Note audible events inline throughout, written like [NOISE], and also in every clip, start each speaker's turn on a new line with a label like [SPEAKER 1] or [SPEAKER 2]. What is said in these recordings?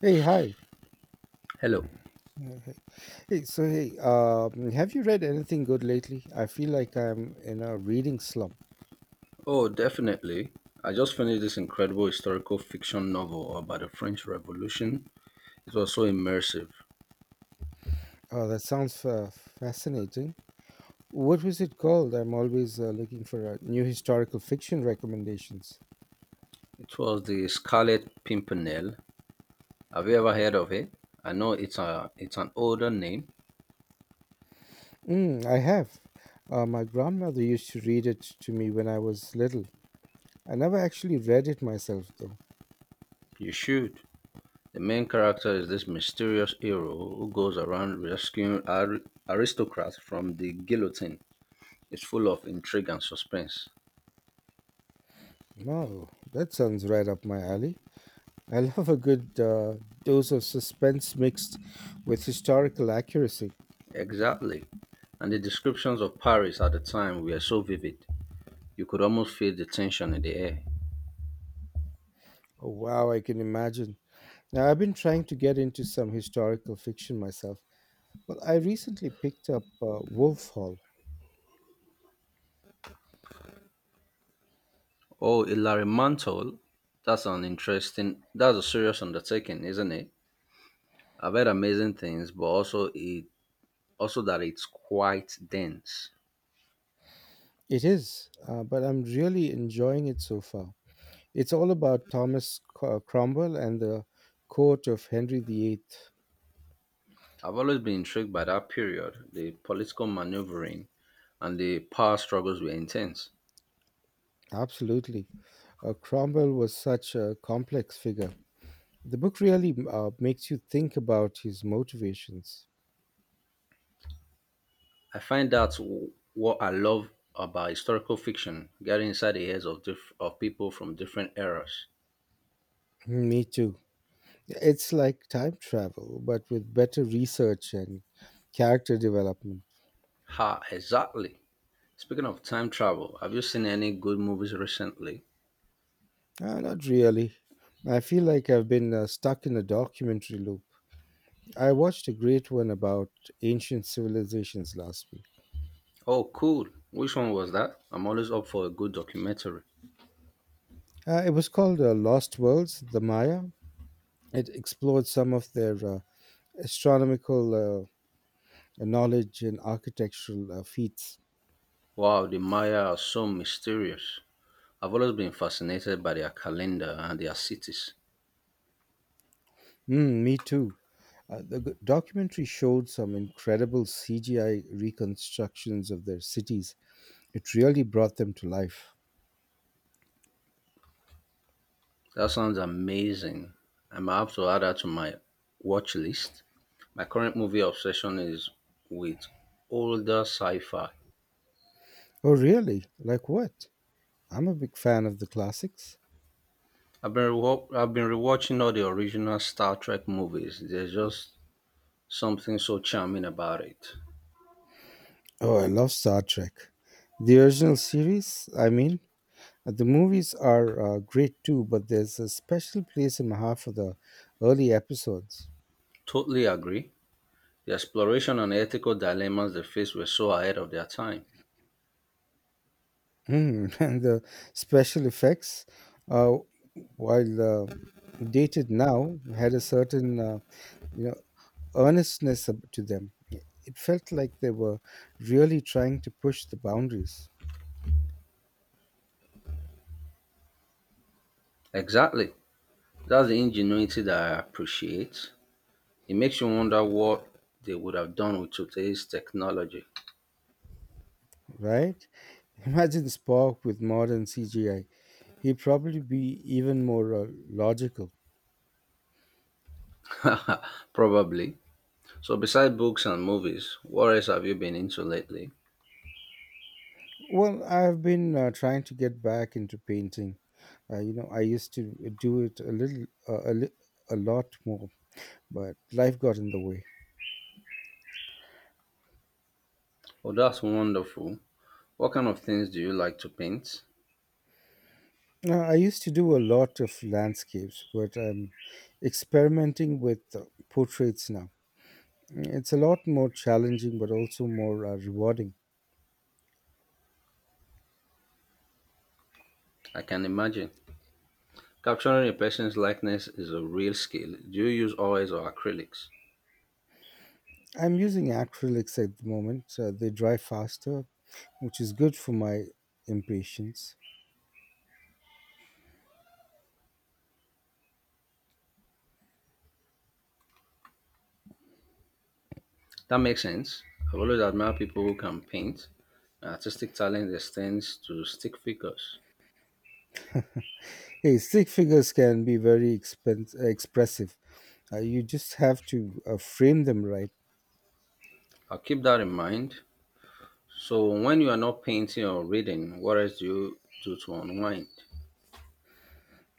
[SPEAKER 1] Hey, hi.
[SPEAKER 2] Hello.
[SPEAKER 1] Yeah, Hey, have you read anything good lately? I feel like I'm in a reading slump.
[SPEAKER 2] Oh, definitely. I just finished this incredible historical fiction novel about the French Revolution. It was so immersive.
[SPEAKER 1] Oh, that sounds fascinating. What was it called? I'm always looking for new historical fiction recommendations.
[SPEAKER 2] It was The Scarlet Pimpernel. Have you ever heard of it? I know it's an older name.
[SPEAKER 1] Mm, I have. My grandmother used to read it to me when I was little. I never actually read it myself, though.
[SPEAKER 2] You should. The main character is this mysterious hero who goes around rescuing aristocrats from the guillotine. It's full of intrigue and suspense.
[SPEAKER 1] Oh, that sounds right up my alley. I [LAUGHS] love a good dose of suspense mixed with historical accuracy.
[SPEAKER 2] Exactly. And the descriptions of Paris at the time were so vivid. You could almost feel the tension in the air.
[SPEAKER 1] Oh, wow, I can imagine. Now, I've been trying to get into some historical fiction myself. Well, I recently picked up Wolf Hall.
[SPEAKER 2] Oh, Hilary Mantel, that's an interesting, that's a serious undertaking, isn't it? I've heard amazing things, but also that it's quite dense.
[SPEAKER 1] It is, but I'm really enjoying it so far. It's all about Cromwell and the court of Henry VIII.
[SPEAKER 2] I've always been intrigued by that period. The political maneuvering and the power struggles were intense.
[SPEAKER 1] Absolutely. Cromwell was such a complex figure. The book really makes you think about his motivations.
[SPEAKER 2] I find that's what I love about historical fiction, getting inside the heads of of people from different eras.
[SPEAKER 1] Me too. It's like time travel, but with better research and character development.
[SPEAKER 2] Ha, exactly. Speaking of time travel, have you seen any good movies recently?
[SPEAKER 1] Not really. I feel like I've been stuck in a documentary loop. I watched a great one about ancient civilizations last week.
[SPEAKER 2] Oh, cool. Which one was that? I'm always up for a good documentary.
[SPEAKER 1] It was called Lost Worlds, the Maya. It explored some of their astronomical knowledge and architectural feats.
[SPEAKER 2] Wow, the Maya are so mysterious. I've always been fascinated by their calendar and their cities.
[SPEAKER 1] Mm, me too. The documentary showed some incredible CGI reconstructions of their cities. It really brought them to life.
[SPEAKER 2] That sounds amazing. I might have to add that to my watch list. My current movie obsession is with older sci-fi.
[SPEAKER 1] Oh, really? Like what? I'm a big fan of the classics.
[SPEAKER 2] I've been rewatching all the original Star Trek movies. There's just something so charming about it.
[SPEAKER 1] Oh, I love Star Trek. The original series, I mean. The movies are great too, but there's a special place in my heart for the early episodes.
[SPEAKER 2] Totally agree. The exploration and ethical dilemmas they faced were so ahead of their time.
[SPEAKER 1] Mm, [LAUGHS] and the special effects, uh, while dated now, had a certain you know earnestness to them. It felt like they were really trying to push the boundaries,
[SPEAKER 2] Exactly. That's the ingenuity that I appreciate. It makes you wonder what they would have done with today's technology.
[SPEAKER 1] right? Imagine Spock with modern CGI. He'd probably be even more logical.
[SPEAKER 2] [LAUGHS] Probably. So, besides books and movies, what else have you been into lately?
[SPEAKER 1] Well, I've been trying to get back into painting. I used to do it a little, a, li- a lot more, but life got in the way.
[SPEAKER 2] Oh, that's wonderful. What kind of things do you like to paint?
[SPEAKER 1] I used to do a lot of landscapes, but I'm experimenting with portraits now. It's a lot more challenging, but also more rewarding.
[SPEAKER 2] I can imagine. Capturing a person's likeness is a real skill. Do you use oils or acrylics?
[SPEAKER 1] I'm using acrylics at the moment, so they dry faster, which is good for my impatience.
[SPEAKER 2] That makes sense. I've always admired people who can paint. Artistic talent extends to stick figures.
[SPEAKER 1] Hey, stick figures can be very expressive. You just have to frame them right.
[SPEAKER 2] I'll keep that in mind. So, when you are not painting or reading, what else do you do to unwind?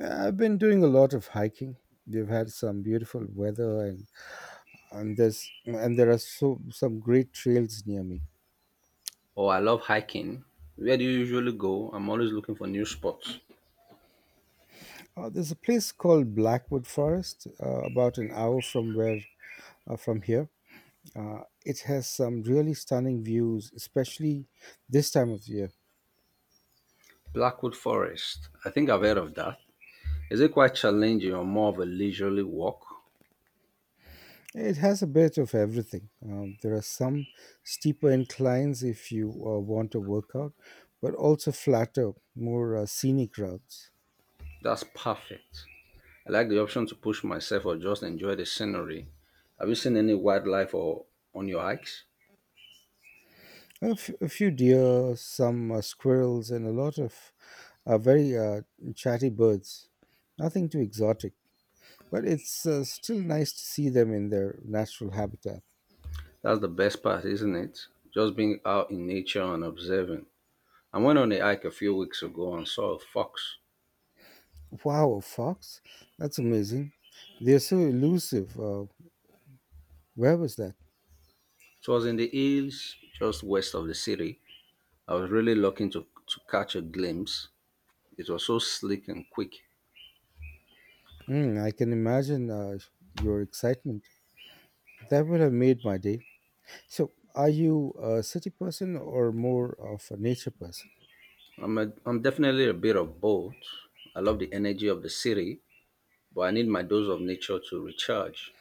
[SPEAKER 1] I've been doing a lot of hiking. We've had some beautiful weather, and there are some great trails near me.
[SPEAKER 2] Oh, I love hiking. Where do you usually go? I'm always looking for new spots.
[SPEAKER 1] There's a place called Blackwood Forest, about an hour from where from here. It has some really stunning views, especially this time of year.
[SPEAKER 2] Blackwood Forest. I think I've heard of that. Is it quite challenging or more of a leisurely walk?
[SPEAKER 1] It has a bit of everything. There are some steeper inclines if you want a workout, but also flatter, more scenic routes.
[SPEAKER 2] That's perfect. I like the option to push myself or just enjoy the scenery. Have you seen any wildlife or on your hikes?
[SPEAKER 1] A few deer, some squirrels, and a lot of very chatty birds. Nothing too exotic, but it's still nice to see them in their natural habitat.
[SPEAKER 2] That's the best part, isn't it? Just being out in nature and observing. I went on a hike a few weeks ago and saw a fox.
[SPEAKER 1] Wow, a fox? That's amazing. They're so elusive. Where was that?
[SPEAKER 2] It was in the hills just west of the city. I was really looking to catch a glimpse. It was so slick and quick.
[SPEAKER 1] Mm, I can imagine your excitement. That would have made my day. So, are you a city person or more of a nature person?
[SPEAKER 2] I'm definitely a bit of both. I love the energy of the city, but I need my dose of nature to recharge.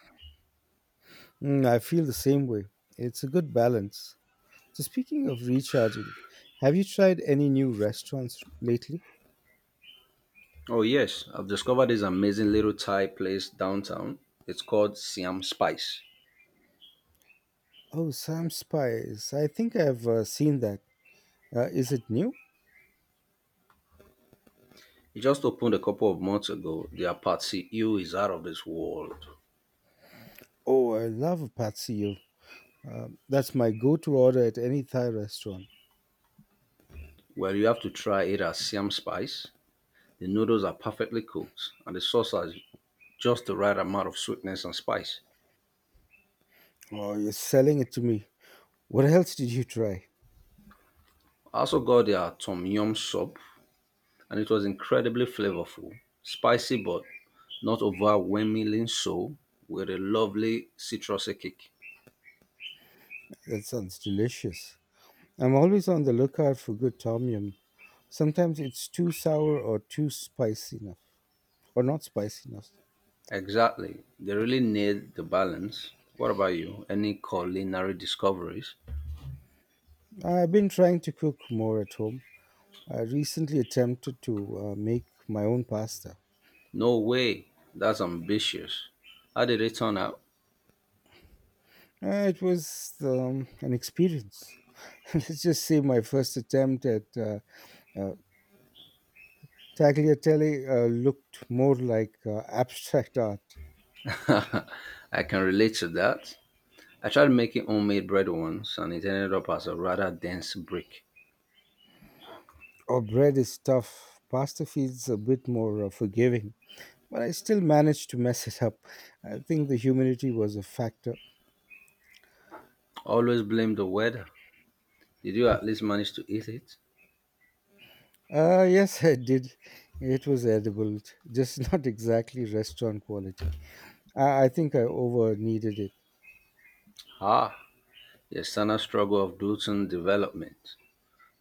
[SPEAKER 1] Mm, I feel the same way. It's a good balance. So, speaking of recharging, have you tried any new restaurants lately?
[SPEAKER 2] Oh, yes, I've discovered this amazing little Thai place downtown. It's called Siam Spice.
[SPEAKER 1] Oh, Sam Spice. I think I've seen that. Is it new?
[SPEAKER 2] It just opened a couple of months ago. Their Patsy Ew is out of this world.
[SPEAKER 1] Oh, I love a patsy. That's my go to order at any Thai restaurant.
[SPEAKER 2] Well, you have to try it as Siam Spice. The noodles are perfectly cooked, and the sauce has just the right amount of sweetness and spice.
[SPEAKER 1] Oh, you're selling it to me. What else did you try?
[SPEAKER 2] I also got their Tom Yum soup, and it was incredibly flavorful, spicy but not overwhelmingly so, with a lovely citrusy kick.
[SPEAKER 1] That sounds delicious. I'm always on the lookout for good tom yum. Sometimes it's too sour or not spicy enough.
[SPEAKER 2] Exactly. They really nailed the balance. What about you? Any culinary discoveries?
[SPEAKER 1] I've been trying to cook more at home. I recently attempted to make my own pasta.
[SPEAKER 2] No way. That's ambitious. How did it turn out?
[SPEAKER 1] It was an experience. [LAUGHS] Let's just say my first attempt at uh, Tagliatelle looked more like abstract art.
[SPEAKER 2] I can relate to that. I tried making homemade bread once and it ended up as a rather dense brick.
[SPEAKER 1] Our bread is tough. Pasta feels a bit more forgiving, but I still managed to mess it up. I think the humidity was a factor.
[SPEAKER 2] Always blame the weather. Did you at least manage to eat it?
[SPEAKER 1] Yes, I did. It was edible, just [LAUGHS] not exactly restaurant quality. I think I over needed it.
[SPEAKER 2] Ah, the standard struggle of Dutton development.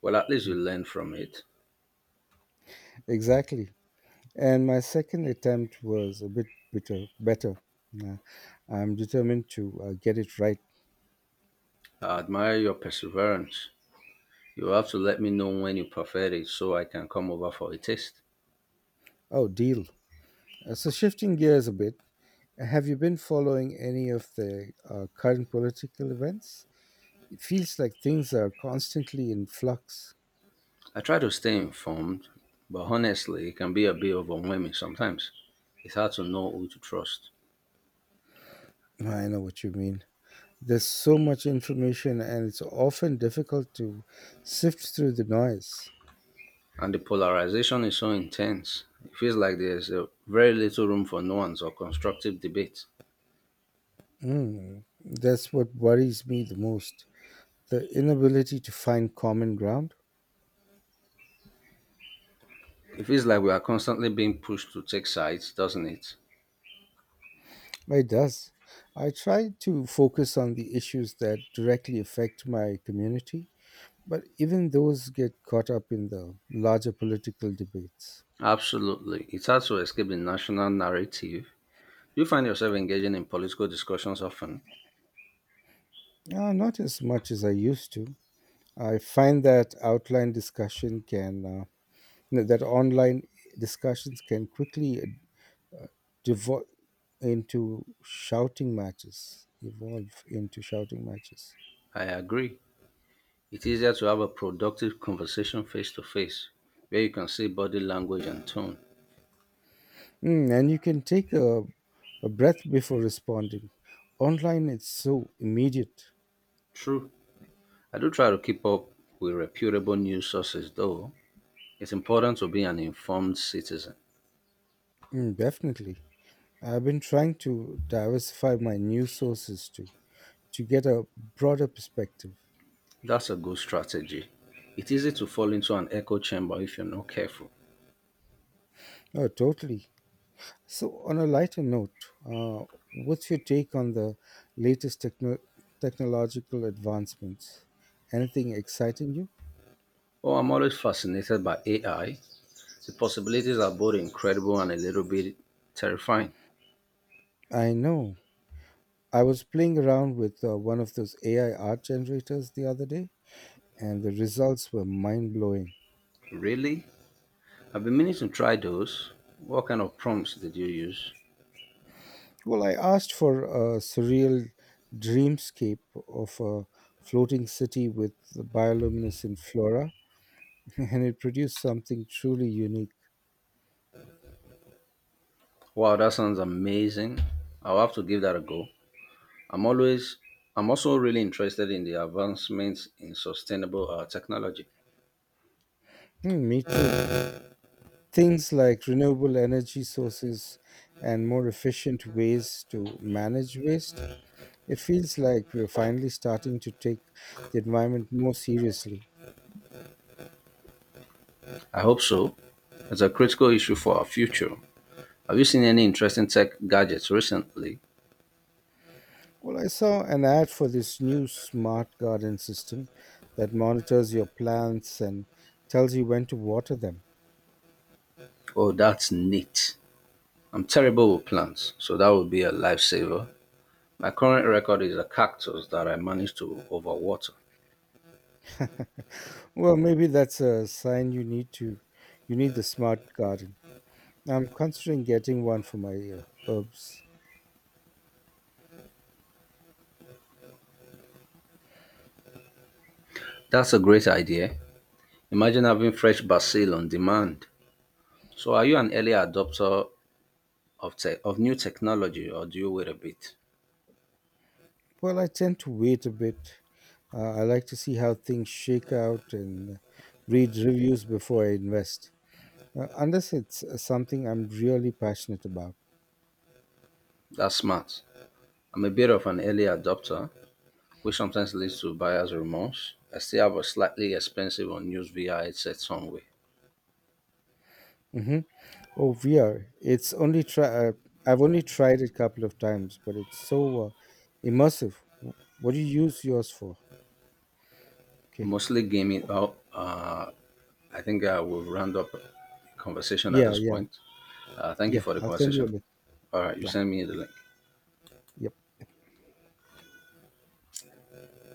[SPEAKER 2] Well, at least you
[SPEAKER 1] [LAUGHS]
[SPEAKER 2] learned from it.
[SPEAKER 1] Exactly. And my second attempt was a better. Uh, I'm determined to get it right.
[SPEAKER 2] I admire your perseverance. You have to let me know when you perfect it so I can come over for a taste.
[SPEAKER 1] Oh, deal. So, shifting gears a bit, have you been following any of the current political events? It feels like things are constantly in flux.
[SPEAKER 2] I try to stay informed, but honestly, it can be a bit overwhelming sometimes. It's hard to know who to trust.
[SPEAKER 1] No, I know what you mean. There's so much information, and it's often difficult to sift through the noise.
[SPEAKER 2] And the polarization is so intense. It feels like there's a very little room for nuance or constructive debate.
[SPEAKER 1] Mm, that's what worries me the most, the inability to find common ground.
[SPEAKER 2] It feels like we are constantly being pushed to take sides, doesn't it?
[SPEAKER 1] It does. I try to focus on the issues that directly affect my community, but even those get caught up in the larger political debates.
[SPEAKER 2] Absolutely. It's hard to escape the national narrative. You find yourself engaging in political discussions often.
[SPEAKER 1] Not as much as I used to. I find that outline discussion can, no, That online discussions can quickly devolve into shouting matches, evolve into shouting matches.
[SPEAKER 2] I agree. It's easier to have a productive conversation face to face, where you can see body language and tone.
[SPEAKER 1] Mm, and you can take a breath before responding. Online, it's so immediate.
[SPEAKER 2] True. I do try to keep up with reputable news sources, though. It's important to be an informed citizen.
[SPEAKER 1] Mm, definitely. I've been trying to diversify my news sources too, to get a broader perspective.
[SPEAKER 2] That's a good strategy. It's easy to fall into an echo chamber if you're not careful.
[SPEAKER 1] Oh, totally. So, on a lighter note, uh, what's your take on the latest technological advancements? Anything exciting you?
[SPEAKER 2] Oh, I'm always fascinated by AI. The possibilities are both incredible and a little bit terrifying.
[SPEAKER 1] I know. I was playing around with one of those AI art generators the other day, and the results were mind blowing.
[SPEAKER 2] Really? I've been meaning to try those. What kind of prompts did you use?
[SPEAKER 1] Well, I asked for a surreal dreamscape of a floating city with the bioluminescent flora, [LAUGHS] and it produced something truly unique.
[SPEAKER 2] Wow, that sounds amazing. I'll have to give that a go. I'm always I'm also really interested in the advancements in sustainable technology.
[SPEAKER 1] Hmm, me too. Things like renewable energy sources and more efficient ways to manage waste. It feels like we're finally starting to take the environment more seriously.
[SPEAKER 2] I hope so. It's a critical issue for our future. Have you seen any interesting tech gadgets recently?
[SPEAKER 1] Well, I saw an ad for this new smart garden system that monitors your plants and tells you when to water them.
[SPEAKER 2] Oh, that's neat. I'm terrible with plants, so that would be a lifesaver. My current record is a cactus that I managed to overwater.
[SPEAKER 1] Well, maybe that's a sign you need the smart garden. I'm considering getting one for my herbs.
[SPEAKER 2] That's a great idea. Imagine having fresh basil on demand. So, are you an early adopter of new technology or do you wait a bit?
[SPEAKER 1] Well, I tend to wait a bit. I like to see how things shake out and read reviews before I invest, unless it's something I'm really passionate about.
[SPEAKER 2] That's smart. I'm a bit of an early adopter, which sometimes leads to buyer's remorse. I still have a slightly expensive unused VR headset somewhere.
[SPEAKER 1] Hmm. Oh, VR. It's only try. I've only tried it a couple of times, but it's so immersive. What do you use yours for? Okay.
[SPEAKER 2] Mostly gaming. Oh, I think I will round up the conversation at
[SPEAKER 1] Yeah,
[SPEAKER 2] this
[SPEAKER 1] yeah,
[SPEAKER 2] point. Thank you
[SPEAKER 1] yeah,
[SPEAKER 2] for the
[SPEAKER 1] I'll send you a
[SPEAKER 2] conversation.
[SPEAKER 1] link.
[SPEAKER 2] All right, you
[SPEAKER 1] Yeah.
[SPEAKER 2] send me the link.
[SPEAKER 1] Yeah.